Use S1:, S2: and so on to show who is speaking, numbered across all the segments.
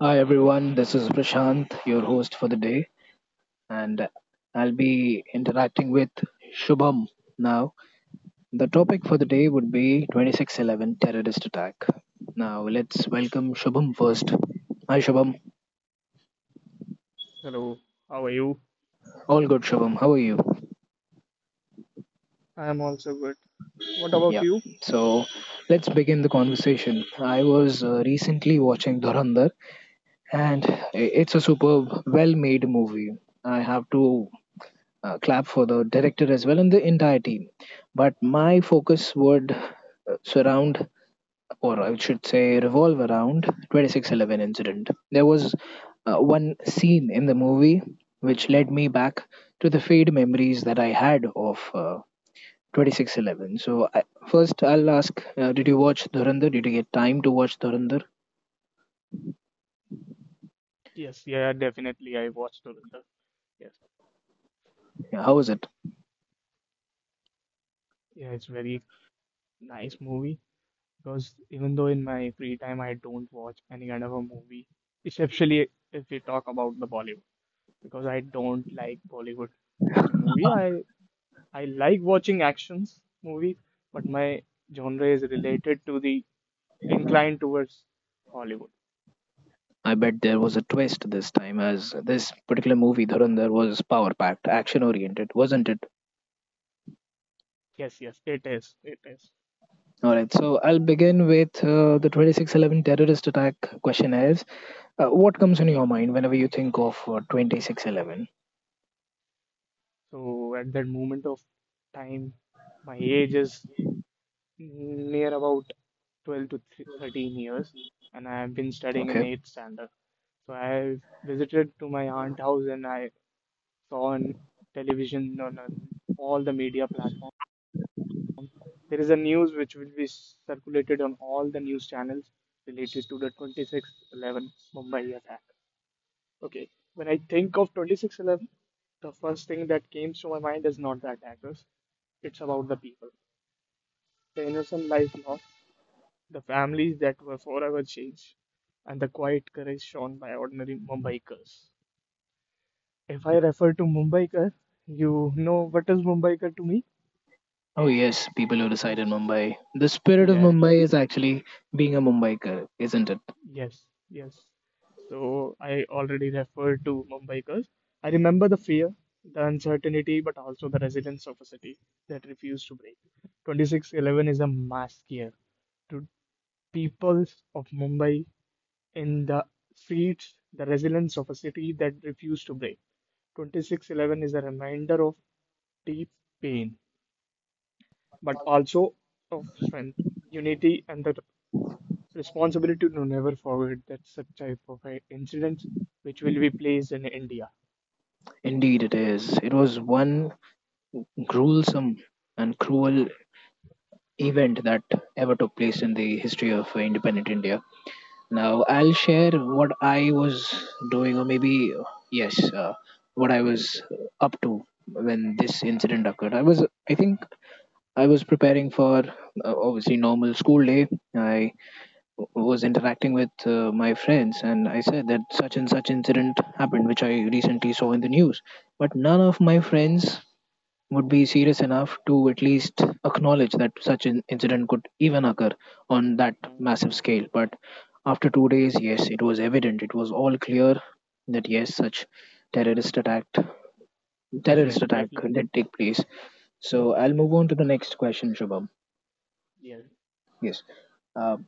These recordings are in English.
S1: Hi everyone, this is Prashant, your host for the day, and I'll be interacting with Shubham now. The topic for the day would be 26/11 terrorist attack. Now let's welcome Shubham first. Hi Shubham,
S2: Hello, how are you?
S1: all good Shubham, how are you?
S2: I am also good. What about
S1: Yeah,
S2: you?
S1: so let's begin the conversation. I was recently watching Dhurandhar, and it's a superb, well made movie. I have to clap for the director as well and the entire team. But my focus would surround, or I should say, revolve around 26/11 incident. There was one scene in the movie which led me back to the fade memories that I had of 26/11. So first, I'll ask: did you watch Dhurandhar? Did you get time to watch Dhurandhar?
S2: Yes, yeah, definitely. I watched Dhurandhar. Yes,
S1: Yeah, how was it?
S2: yeah, it's very nice movie because even though in my free time I don't watch any kind of a movie, especially if we talk about the Bollywood, because I don't like Bollywood watching movie. I like watching actions movie, but my genre is related to the inclined towards Hollywood.
S1: I bet there was a twist this time, as this particular movie Dhurandhar was power packed, action oriented, wasn't it?
S2: Yes, yes, it is. It is.
S1: All right, so I'll begin with the 26/11 terrorist attack question is what comes in your mind whenever you think of 26/11?
S2: So at that moment of time, my age is near about 12 to 13 years, and I have been studying in
S1: Okay.
S2: 8th standard. So I visited to my aunt house and I saw on television on all the media platforms. There is a news which will be circulated on all the news channels related to the 26/11 Mumbai attack. Okay, when I think of 26/11, the first thing that came to my mind is not the attackers; it's about the people. The innocent life lost, the families that were forever changed, and the quiet courage shown by ordinary Mumbaikars. If I refer to Mumbaikar, you know what is Mumbaikar to me?
S1: Oh, yes, people who reside in Mumbai. The spirit of
S2: Yes,
S1: Mumbai is
S2: yes,
S1: actually being a Mumbaiker, isn't it?
S2: yes, yes. So I already referred to Mumbaikars. I remember the fear, the uncertainty, but also the resilience of a city that refused to break. 26/11 is a mass year to people of Mumbai in the streets, the resilience of a city that refused to break. 26/11 is a reminder of deep pain, but also of strength, unity, and the responsibility to never forget that such type of incidents which will be placed in India.
S1: Indeed, it is. It was one
S2: Yes.
S1: gruesome and cruel event that ever took place in the history of independent India. Now I'll share what I was doing, or maybe yes, what I was up to when this incident occurred. I think I was preparing for obviously normal school day. I was interacting with my friends, and I said that such and such incident happened, which I recently saw in the news. But none of my friends would be serious enough to at least acknowledge that such an incident could even occur on that
S2: Mm.
S1: massive scale. But after 2 days, yes, it was evident. It was all clear that yes, such terrorist attack, terrorist
S2: Definitely,
S1: attack
S2: definitely.
S1: did take place. So
S2: Yes,
S1: I'll
S2: yes,
S1: move on to the next question, Shubham.
S2: yes.
S1: Yes, uh,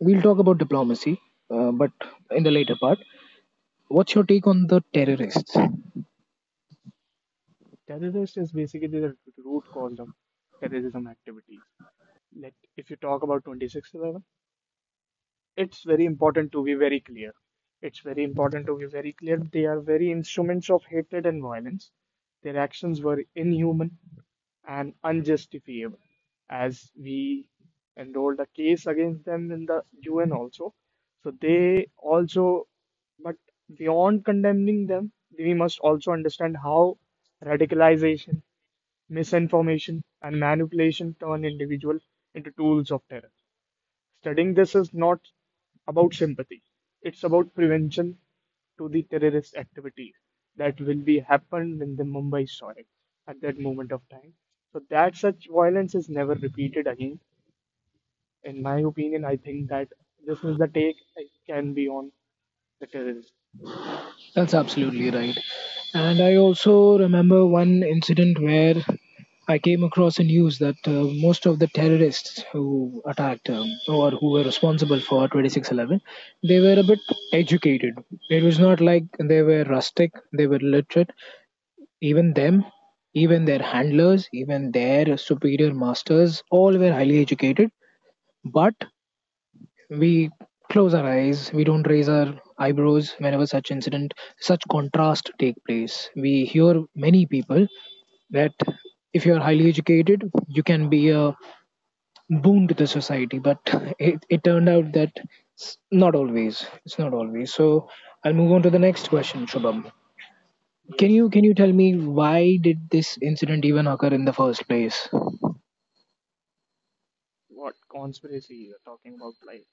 S1: we'll talk about diplomacy, but in the later part. What's your take on the terrorists?
S2: Terrorist is basically the root cause of terrorism activities. Like if you talk about 26/11, it's very important to be very clear. It's very important to be very clear. They are very instruments of hatred and violence. Their actions were inhuman and unjustifiable, as we enrolled a case against them in the UN also. So they also, but beyond condemning them, we must also understand how radicalization, misinformation, and manipulation turn individuals into tools of terror. Studying this is not about sympathy, it's about prevention to the terrorist activity that will be happened in the Mumbai soil at that moment of time, so that such violence is never repeated again. In my opinion, I think that this is the take I can be on the terrorist.
S1: That's absolutely right. And I also remember one incident where I came across a news that most of the terrorists who attacked or who were responsible for 26/11, they were a bit educated. It was not like they were rustic, they were literate. Even them, even their handlers, even their superior masters, all were highly educated. But we close our eyes, we don't raise our eyebrows whenever such incident, such contrast take place. We hear many people that if you're highly educated, you can be a boon to the society. But it turned out that it's not always. It's not always. So I'll move on to the next question, Shubham. Can
S2: Yes.
S1: you can you tell me why did this incident even occur in the first place?
S2: What conspiracy you are talking about? Like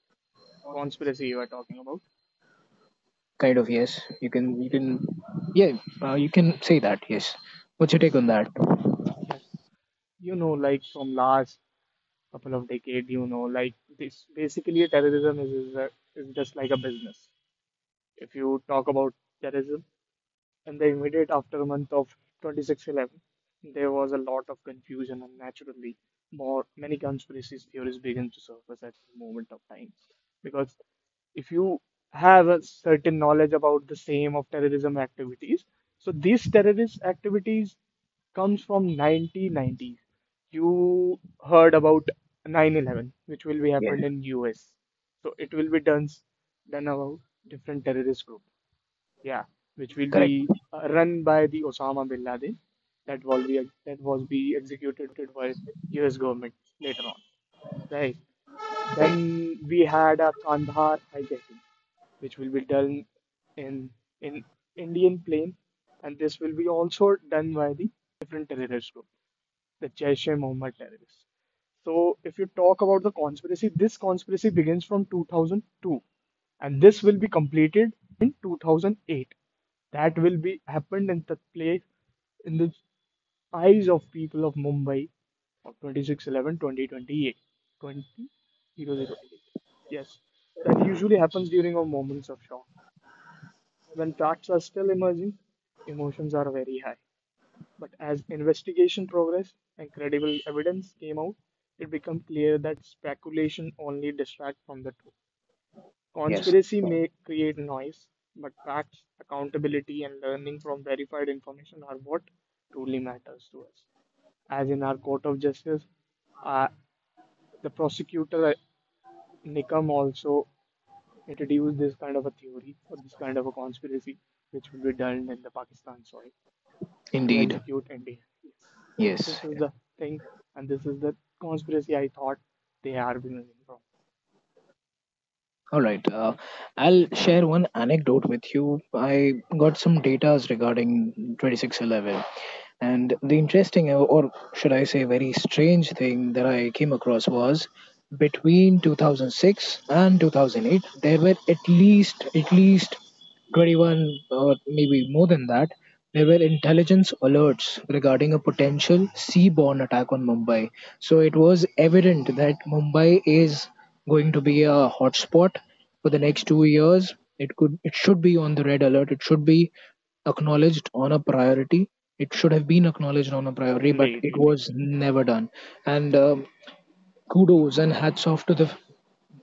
S2: conspiracy you are talking about?
S1: Kind of yes.
S2: Yes. Yes.
S1: Yeah you
S2: Yes.
S1: can say that yes. What's your take
S2: Yes.
S1: on that?
S2: Yeah. You know, like from last couple of decades, like this basically terrorism is just like a business. If you talk about terrorism in the immediate aftermath of 26/11, there was a lot of confusion and naturally more many conspiracy theories began to surface at the moment of time. Because if you have a certain knowledge about the same of terrorism activities, so these terrorist activities comes from 1990s. You heard about 9/11, which will be
S1: Yes,
S2: happened in US. So it will be done about different terrorist group, yeah, which will
S1: correct.
S2: be run by the Osama bin Laden, that was be executed by U.S. government later on, right?
S1: Right.
S2: Then we had a Kandahar hijacking, which will be done in in Indian plane, and this will be also done by the different terrorist group, the Jaish e Mohammed terrorists. So, if you talk about the conspiracy, this conspiracy begins from 2002, and this will be completed in 2008. That will be happened in the place in the eyes of people of Mumbai of 26/11 2028 2008. Yes, that usually happens during our moments of shock when facts are still emerging, emotions are very high. But as investigation progressed and credible evidence came out, it became clear that speculation only distracts from the truth.
S1: Yes,
S2: Conspiracy may create noise, but facts, accountability, and learning from verified information are what truly matters to us. As in our court of justice, uh, the prosecutor Nikam also introduced this kind of a theory or this kind of a conspiracy, which will be done in the Pakistan soil to
S1: indeed.
S2: execute India. Yes. So
S1: Yes.
S2: this is the thing, and this is the conspiracy I thought they are beginning from.
S1: All right. I'll share one anecdote with you. I got some data regarding 26/11. And the interesting, or should I say, very strange thing that I came across was between 2006 and 2008, there were at least 21 or maybe more than that, there were intelligence alerts regarding a potential seaborne attack on Mumbai. So it was evident that Mumbai is going to be a hotspot for the
S2: Mm.
S1: next 2 years. It could, it should be on the red alert. It should be
S2: Yes,
S1: acknowledged on a priority. It should have been acknowledged on a priority, but
S2: indeed,
S1: it
S2: indeed.
S1: was never done. And kudos and hats off to the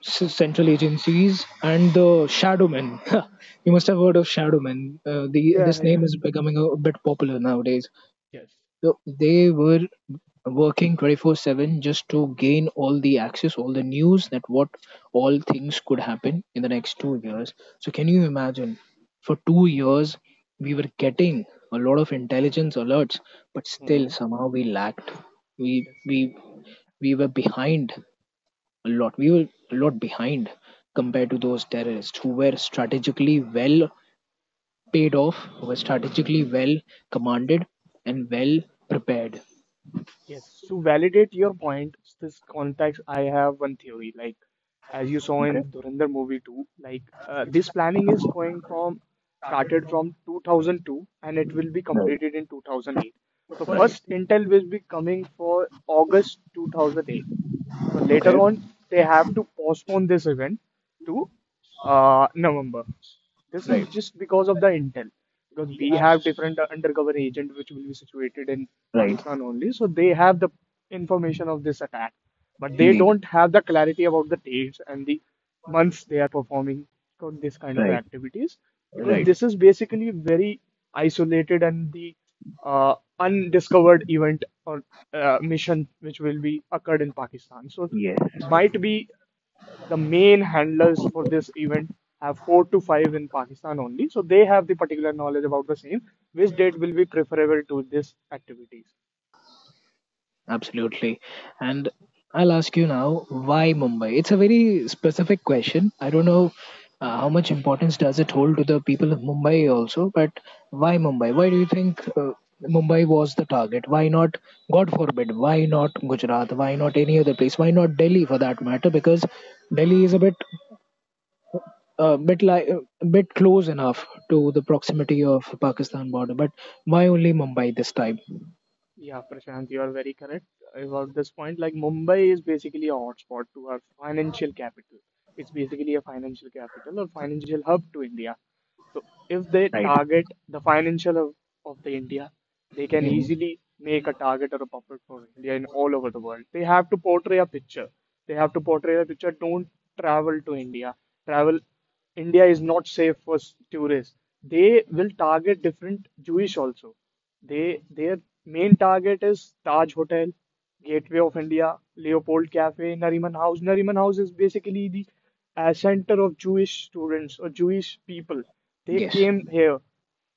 S1: central agencies and the shadow men. You must have heard of shadow men. The
S2: Yeah,
S1: this
S2: yeah.
S1: name is becoming a, bit popular nowadays.
S2: Yes.
S1: So they were working 24/7 just to gain all the access, all the news that what all things could happen in the next 2 years. So can you imagine? For 2 years, we were getting a lot of intelligence alerts, but still
S2: Mm.
S1: somehow we lacked. We
S2: Yes.
S1: we we were behind a lot. We were a lot behind compared to those terrorists who were strategically well paid off, who were strategically well commanded and well prepared.
S2: Yes, to validate your point, this context, I have one theory. Like, as you saw
S1: Okay.
S2: in the Dhurandhar movie too, like this planning is going from, started from 2002, and it will be
S1: Right.
S2: completed in 2008. So
S1: Right.
S2: first intel will be coming for August 2008. So later
S1: Okay.
S2: on, they have to postpone this event to November. This is
S1: Right.
S2: just because of the intel, because we have different undercover agent which will be situated in
S1: Right.
S2: Pakistan only, so they have the information of this attack, but they
S1: Indeed.
S2: don't have the clarity about the dates and the months they are performing for this kind of
S1: Right.
S2: activities, because
S1: Right.
S2: this is basically very isolated and the undiscovered event or mission which will be occurred in Pakistan. So
S1: Yes.
S2: might be the main handlers for this event have four to five in Pakistan only, so they have the particular knowledge about the same, which date will be preferable to this activities.
S1: Absolutely. And I'll ask you now, why Mumbai? It's a very specific question. I don't know how much importance does it hold to the people of Mumbai also, but why Mumbai? Why do you think Mumbai was the target? Why not, God forbid, why not Gujarat? Why not any other place? Why not Delhi for that matter? Because Delhi is a bit like a bit close enough to the
S2: Yes.
S1: proximity of Pakistan border, but why only Mumbai this time?
S2: Yeah, Prashant, you are very correct about this point. Like Mumbai is basically a hotspot to our financial capital. It's basically a financial capital or financial hub to India. So if they
S1: Right.
S2: target the financial hub of the India, they can
S1: Hmm.
S2: easily make a target or a puppet for India in all over the world. They have to portray a picture. They have to portray a picture. Don't travel to India. Travel India is not safe for tourists. They will target different Jewish also. They their main target is Taj Hotel, Gateway of India, Leopold Cafe, Nariman House. Nariman House is basically the center of Jewish students or Jewish people. They
S1: Yes.
S2: came here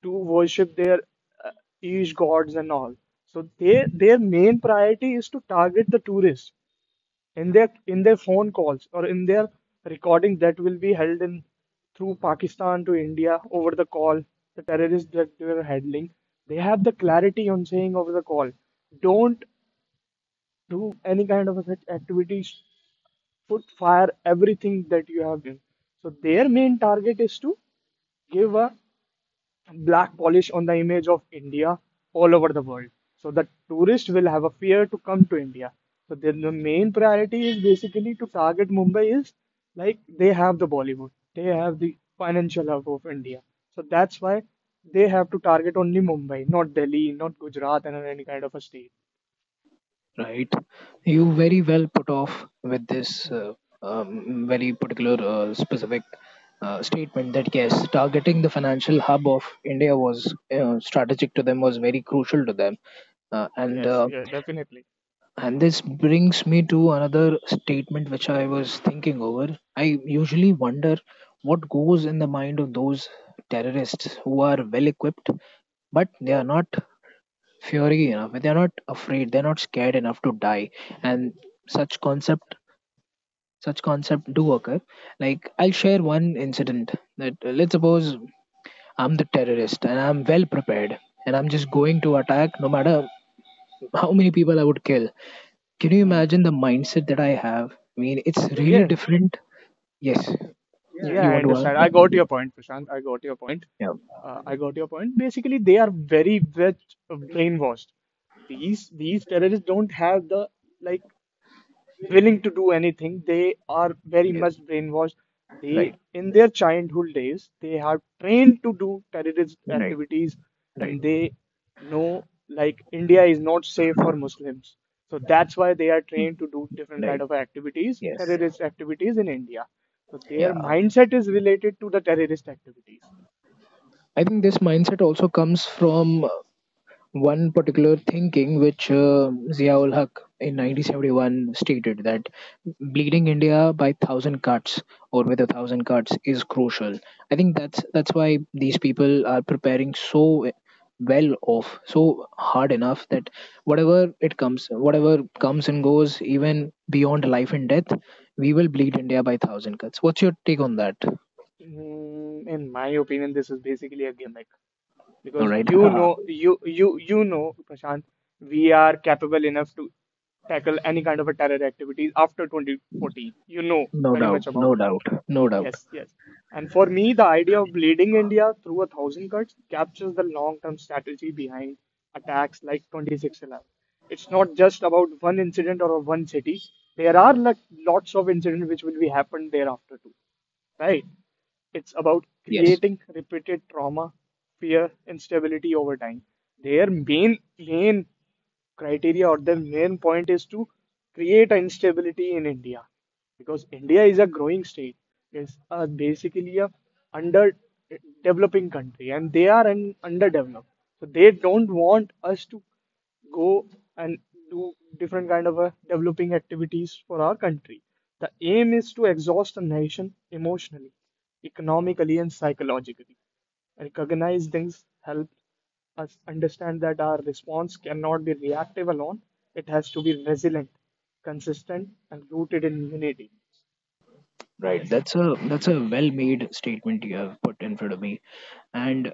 S2: to worship their uh, Jewish gods and all. So they their main priority is to target the tourists. In their in their phone calls or in their recording that will be held in through Pakistan to India over the call, the terrorists that they were handling, they have the clarity on saying over the call, don't do any kind of such activities, put fire everything that you have done. So their main target is to give a black polish on the image of India all over the world. So the tourist will have a fear to come to India. So then the main priority is basically to target Mumbai is like they have the Bollywood, they have the financial hub of India. So that's why they have to target only Mumbai, not Delhi, not Gujarat, and any kind of a state.
S1: Right? You very well put off with this
S2: Yeah.
S1: very particular specific statement that yes, targeting the financial hub of India was strategic to them, was very crucial to them. Uh, and
S2: Yes,
S1: uh,
S2: yeah, definitely.
S1: and this brings me to another statement which I was thinking over. I usually wonder what goes in the mind of those terrorists who are well equipped, but they are not fury enough, they're not afraid, they're not scared enough to die. And such concept, such concept do occur. Like, I'll share one incident that let's suppose I'm the terrorist and I'm well prepared and I'm just going to attack no matter how many people I would kill. Can you
S2: Hmm.
S1: imagine the mindset that I have? I mean, it's really
S2: Yeah,
S1: different. Yes, you,
S2: yeah,
S1: you
S2: I
S1: want to
S2: understand. I
S1: answer?
S2: got your point, Prashant. I got your point.
S1: Yeah.
S2: I got your point. Basically, they are very much brainwashed. These terrorists don't have the like willing to do anything. They are very
S1: Yes.
S2: much brainwashed.
S1: Right.
S2: They, in their childhood days, they are trained to do terrorist
S1: Right.
S2: activities,
S1: Right.
S2: and they know like India is not safe for Muslims. So that's why they are trained to do different kind
S1: Right.
S2: of activities,
S1: Yes.
S2: terrorist activities in India. So their
S1: Yeah,
S2: mindset is related to the terrorist activities.
S1: I think this mindset also comes from one particular thinking which Ziaul Haq in 1971 stated, that bleeding India by thousand cuts or with a thousand cuts is crucial. I think that's why these people are preparing so well off, so hard enough that whatever it comes, whatever comes and goes, even beyond life and death, we will bleed India by thousand cuts. What's your take on that?
S2: In my opinion, this is basically a gimmick,
S1: All
S2: because
S1: right.
S2: you know, Prashant, we are capable enough to tackle any kind of a terror activities after 2014. You know
S1: No
S2: very much
S1: doubt,
S2: about
S1: no
S2: this.
S1: doubt, no doubt.
S2: Yes, yes. And for me, the idea of bleeding India through a thousand cuts captures the long-term strategy behind attacks like 26/11. It's not just about one incident or one city. There are lots of incidents which will be happened thereafter too, right? It's about
S1: Yes.
S2: creating repeated trauma, fear, instability over time. Their main criteria or their main point is to create instability in India, because India is a growing state. It's a, basically a under eh, developing country, and they are an underdeveloped. So they don't want us to go and do different kind of developing activities for our country. The aim is to exhaust a nation emotionally, economically and psychologically. Recognize things help us understand that our response cannot be reactive alone. It has to be resilient, consistent, and rooted in unity.
S1: Right.
S2: Yes.
S1: That's a well-made statement you have put in front of me. And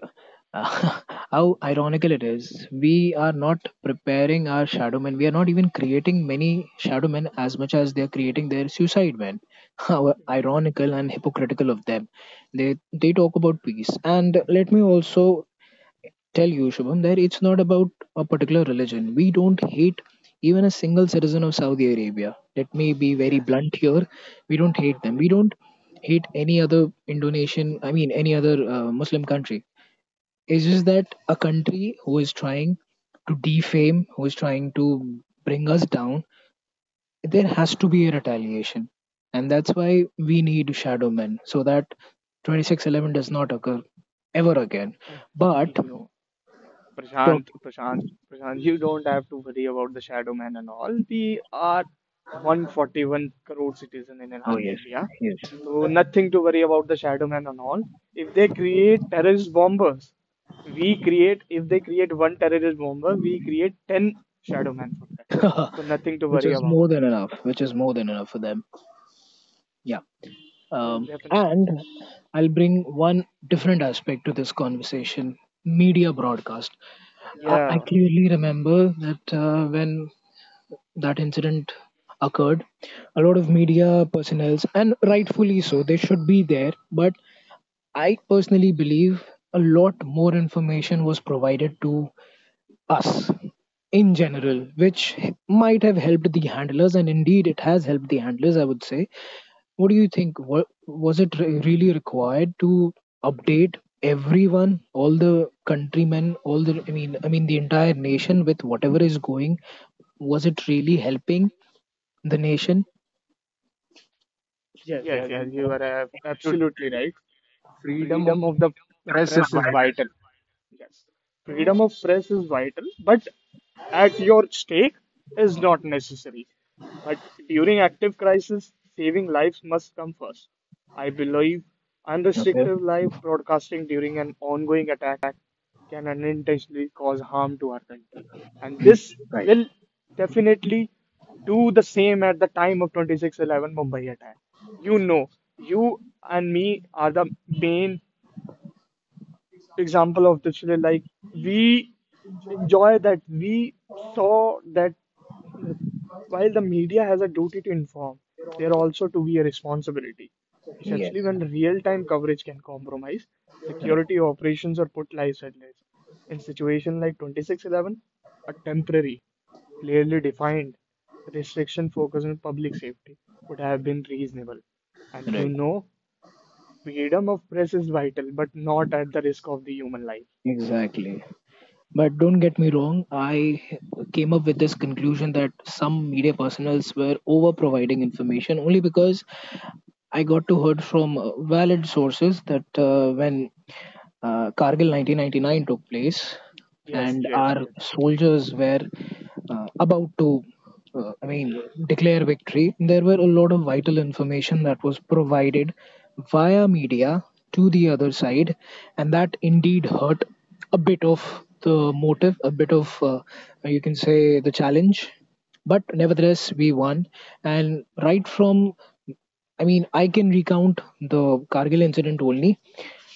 S1: uh, how ironical it is, we are
S2: Mhm.
S1: not preparing our shadow men. We are not even creating many shadow men as much as they are creating their suicide men. How
S2: Mhm.
S1: ironical and hypocritical of them. They talk about peace. And let me also tell you, Shubham, that it's not about a particular religion. We don't hate even a single citizen of Saudi Arabia. Let me be very
S2: Yeah,
S1: blunt here. We don't hate them. We
S2: definitely.
S1: don't hate any other Indonesian, I mean, any other Muslim country. It's just that a country who is trying to defame, who is trying to bring us down, there has to be a retaliation. And that's why we need shadow men so that 26/11 does not occur ever again. But
S2: You know,
S1: talk.
S2: Prashant, Prashant, Prashant, you don't have to worry about the shadow man and all. We are 141 crore citizen in
S1: Oh
S2: our
S1: yes,
S2: India,
S1: yes.
S2: so nothing to worry about the shadow man and all. If they create terrorist bombers, we create. If they create one terrorist bomber, we create 10 shadow man for that. So nothing to
S1: Which
S2: worry
S1: was
S2: about
S1: more
S2: that.
S1: than enough. Which is more than enough for them. Yeah.
S2: Yes,
S1: Um,
S2: definitely.
S1: and I'll bring one different aspect to this conversation: media broadcast. I
S2: Yeah.
S1: clearly remember that when that incident occurred, a lot of media personnel, and rightfully so, they should be there. But I personally believe a lot more information was provided to us in general, which might have helped the handlers, and indeed it has helped the handlers, I would say. What do you think? Was it really required to update everyone, all the countrymen, all the, I mean, the entire nation with whatever is going? Was it really helping the nation?
S2: Yes, yes, you are absolutely right.
S1: Freedom of
S2: Freedom of the
S1: press is
S2: press is
S1: vital.
S2: vital. Yes. Freedom of press is vital, but at your stake is not necessary. But during active crisis, saving lives must come first. I believe
S1: Okay.
S2: unrestricted live broadcasting during an ongoing attack can unintentionally cause harm to our country. And this
S1: Right.
S2: will definitely do the same at the time of 2611 Mumbai attack. You know, you and me are the main example of Dictionary, like we enjoy that we saw that while the media has a duty to inform, there also to be a responsibility,
S1: Yes.
S2: especially when real-time coverage can compromise
S1: Right.
S2: security operations or put lives at risk. In situation like 2611, a temporary, clearly defined restriction focused on public safety would have been reasonable. And you
S1: Right.
S2: know, Freedom of press is vital, but not at the risk of the human life.
S1: Exactly. But don't get me wrong, I came up with this conclusion that some media personals were over providing information only because I got to heard from valid sources that when Kargil 1999 took place
S2: Yes,
S1: and
S2: yes,
S1: our
S2: yes.
S1: soldiers were about to I mean, declare victory, there were a lot of vital information that was provided via media to the other
S2: Hmm.
S1: side, and that indeed hurt a bit of the motive, a bit of, you can say, the challenge. But nevertheless, we won. And right from, I mean, I can recount the Kargil incident only,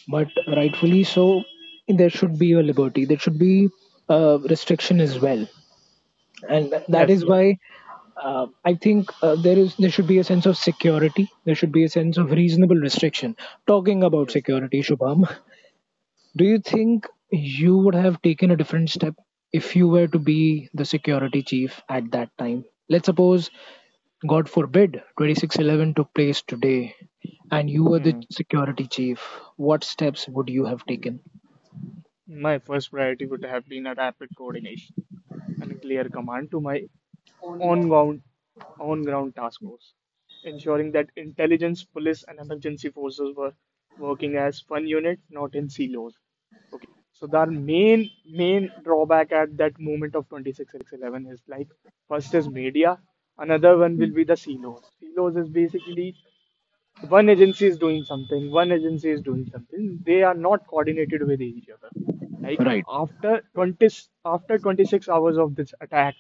S1: but rightfully so, there should be a liberty, there should be a restriction as well, and that
S2: Yes,
S1: is
S2: yes,
S1: why I think there is, there should be a sense of security. There should be a sense of
S2: yes,
S1: reasonable restriction. Talking about
S2: yes.
S1: security, Shubham, do you think you would have taken a different step if you were to be the security chief at that time? Let's suppose, God forbid, 26/11 took place today, and you were the
S2: Hmm.
S1: security chief. What steps would you have taken?
S2: My first priority would have been a rapid coordination and a clear command to my on ground on ground task force, ensuring that intelligence, police, and emergency forces were working as one unit, not in silos. Okay, so their main drawback at that moment of 2611 is like first is media, another one will be the silos. Silos is basically one agency is doing something, one agency is doing something. They are not coordinated with each other. Like
S1: Right.
S2: after 26 hours of this attack,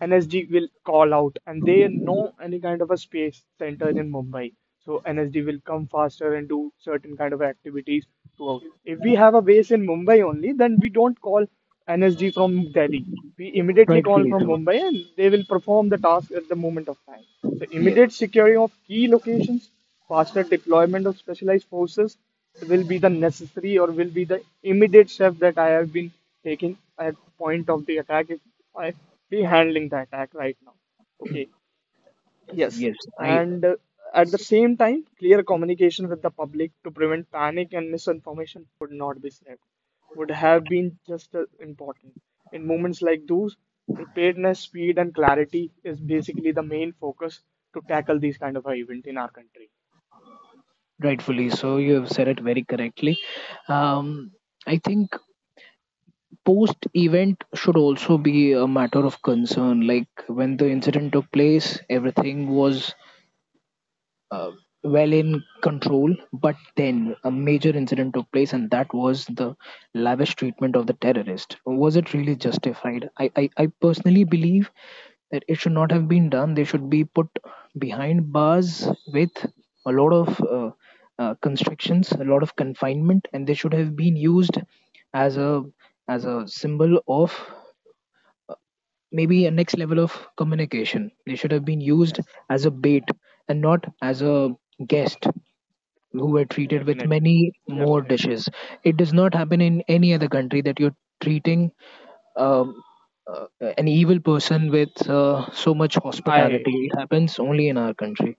S2: NSD will call out and they know any kind of a space center in Mumbai. So NSD will come faster and do certain kind of activities throughout. If we have a base in Mumbai only, then we don't call NSD from Delhi. We immediately call
S1: Rightfully
S2: from
S1: so.
S2: Mumbai and they will perform the task at the moment of time. So
S1: Yes.
S2: immediate securing of key locations, faster deployment of specialized forces, will be the necessary or will be the immediate step that I have been taking at the point of the attack if I be handling the attack right now. Okay, yes,
S1: Yes. I
S2: and at the same time, clear communication with the public to prevent panic and misinformation would not be safe would have been just as important. In moments like those, preparedness, speed, and clarity is basically the main focus to tackle these kind of event in our country.
S1: Rightfully so. You have said it very correctly. Um, I think post event should also be a matter of concern. Like when the incident took place, everything was uh, well in control. But then a major incident took place, and that was the lavish treatment of the terrorist. Was it really
S2: Yeah.
S1: justified? I personally believe that it should not have been done. They should be put behind bars with a lot of constrictions, a lot of confinement, and they should have been used as a as a symbol of maybe a next level of communication. They should have been used
S2: Yes,
S1: as a bait and not as a guest who were treated with
S2: definitely,
S1: many more
S2: definitely.
S1: dishes. It does not happen in any other country that you're treating um, uh, an evil person with so much
S2: I
S1: hospitality. It happens only in
S2: yes,
S1: our country.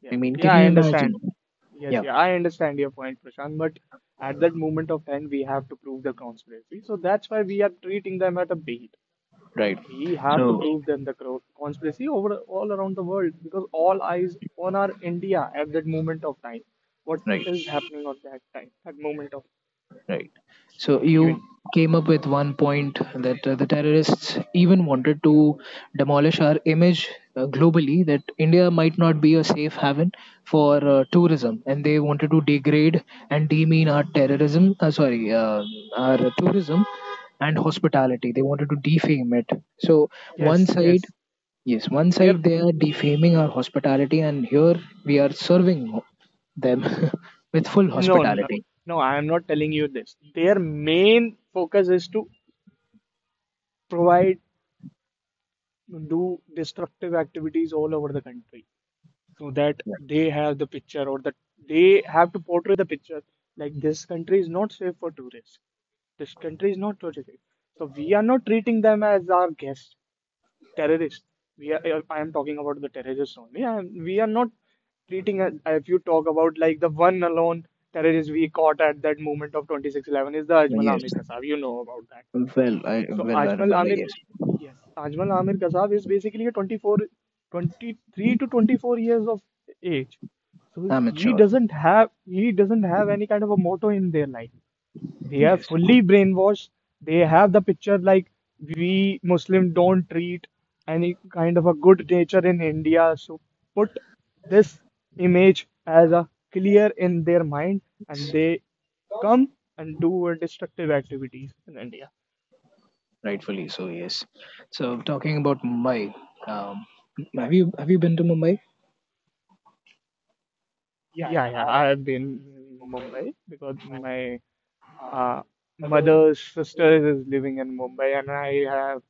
S2: yeah,
S1: I mean, can
S2: yeah, I
S1: you imagine?
S2: understand. Yes,
S1: Yeah,
S2: yeah, I understand your point, Prashant. But at that moment of time, we have to prove the conspiracy. So that's why we are treating them at a beat.
S1: right.
S2: We have to
S1: So
S2: prove them the conspiracy over all around the world because all eyes on our India at that moment of time. What is happening at that time, that moment of
S1: right. So you
S2: event.
S1: came up with one point that the terrorists even wanted to demolish our image globally, that India might not be a safe haven for tourism, and they wanted to degrade and demean our terrorism, sorry, our tourism and hospitality. They wanted to defame it. So one
S2: Yes,
S1: side,
S2: yes.
S1: yes, one
S2: Their
S1: side they are defaming our hospitality, and here we are serving them with full exactly
S2: no, no,
S1: hospitality.
S2: no. I am not telling you this. Their main focus is to provide do destructive activities all over the country so that
S1: Yeah.
S2: they have the picture or that they have to portray the picture like this country is not safe for tourists, this country is not safe, so we are not treating them as our guests. Terrorists, we are, I am talking about the terrorists only, and we are not treating if you talk about like the one alone terrorist we caught at that moment of 2611 is the Ajmal
S1: Yes.
S2: Amir Kasab. You know about that. Okay. So
S1: Well I
S2: Ajmal
S1: remember
S2: Amir,
S1: yes,
S2: yes, Ajmal Amir Kasab is basically a 24, 23 to 24 years of age. So he
S1: amateur
S2: doesn't have he doesn't have any kind of a motto in their life. They are
S1: yes,
S2: fully brainwashed. They have the picture like we Muslim don't treat any kind of a good nature in India, so put this image as a clear in their mind and they come and do destructive activities in India.
S1: rightfully so yes. So talking about Mumbai, um, have you been to Mumbai?
S2: Yeah, yeah, I have been in Mumbai because my uh, mother's sister is living in Mumbai and I have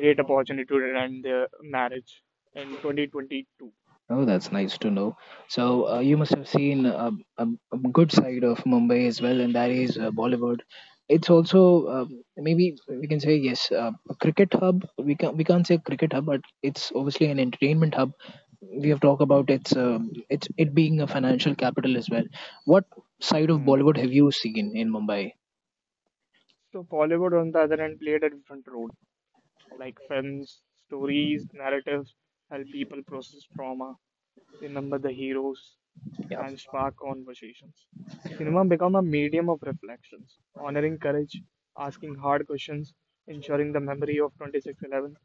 S2: great opportunity to attend their marriage in 2022.
S1: Oh, that's nice to know. So you must have seen a, a good side of Mumbai as well, and that is Bollywood. It's also maybe we can say yes, a cricket hub. We can we can't say cricket hub, but it's obviously an entertainment hub. We have talked about its it's it being a financial capital as well. What side of
S2: Hmm.
S1: Bollywood have you seen in Mumbai?
S2: So Bollywood, on the other hand, played a different role. Like films, stories, narratives help people process trauma, remember the heroes,
S1: Yeah.
S2: and spark conversations. Cinema became a medium of reflections, honoring courage, asking hard questions, ensuring the memory of 2611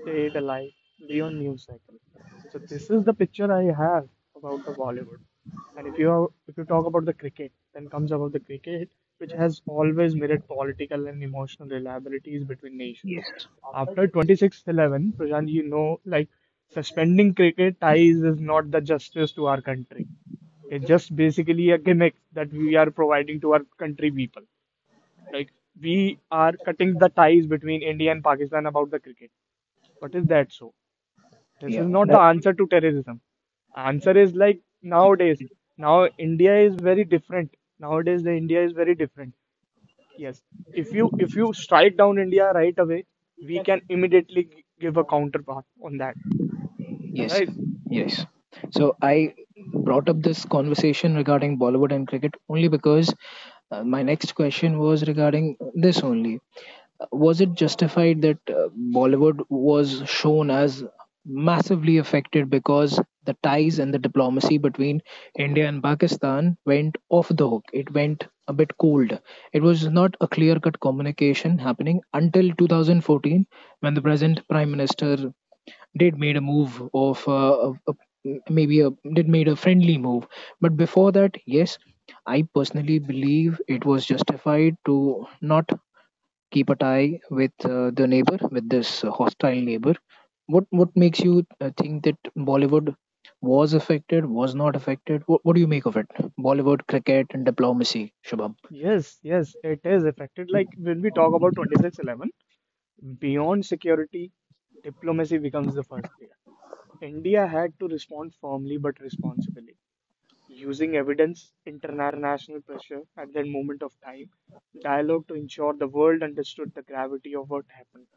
S2: stayed alive beyond news cycle. So this is the picture I have about the Bollywood. And if you talk about the cricket, then comes about the cricket, which has always mirrored political and emotional reliabilities between nations.
S1: Yes.
S2: After 26/11, Prashant, you know, like suspending cricket ties is not the justice to our country. It's just basically a gimmick that we are providing to our country people. Like we are cutting the ties between India and Pakistan about the cricket. But is that so? This
S1: Yeah.
S2: is not the
S1: That,
S2: answer to terrorism. Answer is like nowadays. Now India is very different. Nowadays the India is very different. Yes. If you strike down India right away, we can immediately give a counterpart on that.
S1: yes.
S2: Right?
S1: Yes. So I brought up this conversation regarding Bollywood and cricket only because my next question was regarding this only. Was it justified that Bollywood was shown as massively affected because the ties and the diplomacy between India and Pakistan went off the hook? It went a bit cold. It was not a clear cut communication happening until 2014 when the present Prime Minister did made a move of maybe a, did made a friendly move. But before that, yes, I personally believe it was justified to not keep a tie with the neighbor, with this hostile neighbor. What makes you think that Bollywood was affected, was not affected? What do you make of it? Bollywood, cricket, and diplomacy, Shubham.
S2: Yes, yes, it is affected. Like when we talk about 2611, beyond security, diplomacy becomes the first layer. India had to respond firmly but responsibly, using evidence, international pressure at that moment of time, dialogue to ensure the world understood the gravity of what happened,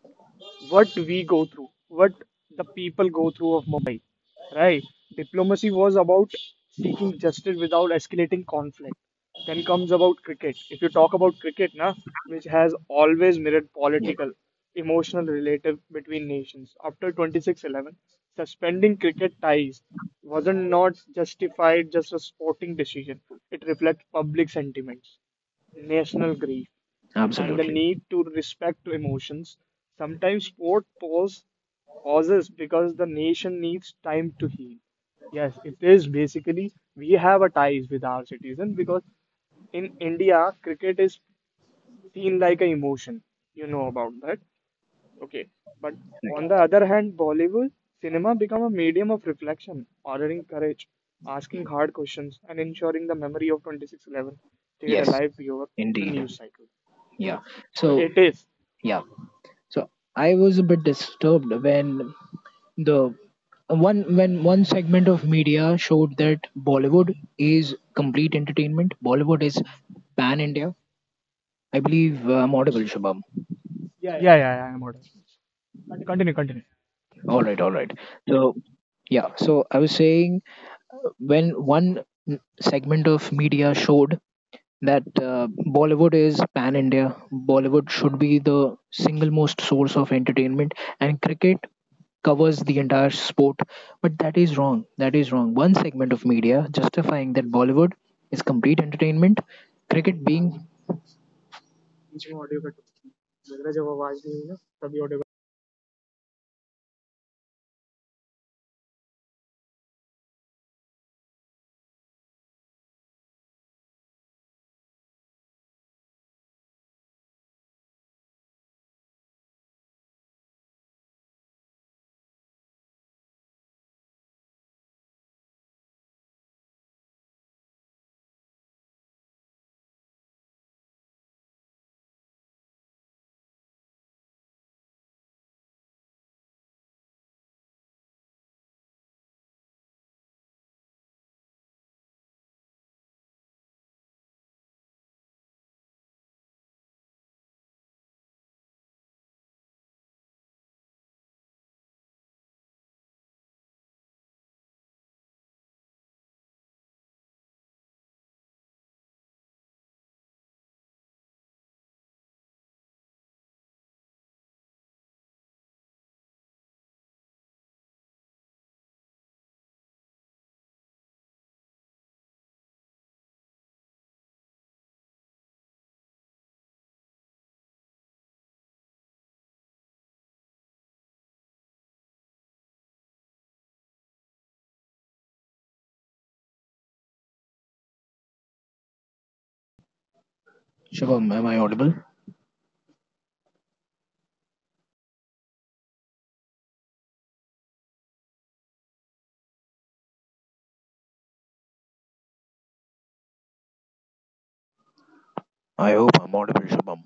S2: what we go through, what the people go through of Mumbai, right? Diplomacy was about seeking justice without escalating conflict. Then comes about cricket. If you talk about cricket, na, which has always mirrored
S1: Yeah,
S2: political, emotional relative between nations. After 26-11, suspending cricket ties wasn't not justified just a sporting decision. It reflects public sentiments, national grief, and the
S1: absolutely.
S2: need to respect to emotions. Sometimes sport pauses because the nation needs time to heal. Yes, it is basically we have a ties with our citizen because in India, cricket is seen like an emotion. You know about that. Okay, but on the
S1: Right.
S2: other hand, Bollywood cinema become a medium of reflection, ordering courage, asking hard questions, and ensuring the memory of 2611 stayed
S1: Yes,
S2: alive beyond the
S1: indeed.
S2: news cycle.
S1: Yeah.
S2: So
S1: So
S2: it is.
S1: yeah. So I was a bit disturbed when the one when one segment of media showed that Bollywood is complete entertainment. Bollywood is pan India. I believe I'm audible, Shubham.
S2: Yeah, yeah, yeah, I'm audible. Continue, continue.
S1: All right, all right. So, yeah, so I was saying when one segment of media showed that Bollywood is pan India, Bollywood should be the single most source of entertainment, and cricket covers the entire sport. But that is wrong. That is wrong. One segment of media justifying that Bollywood is complete entertainment, cricket being. Shubham, am I audible? I hope I'm audible, Shubham.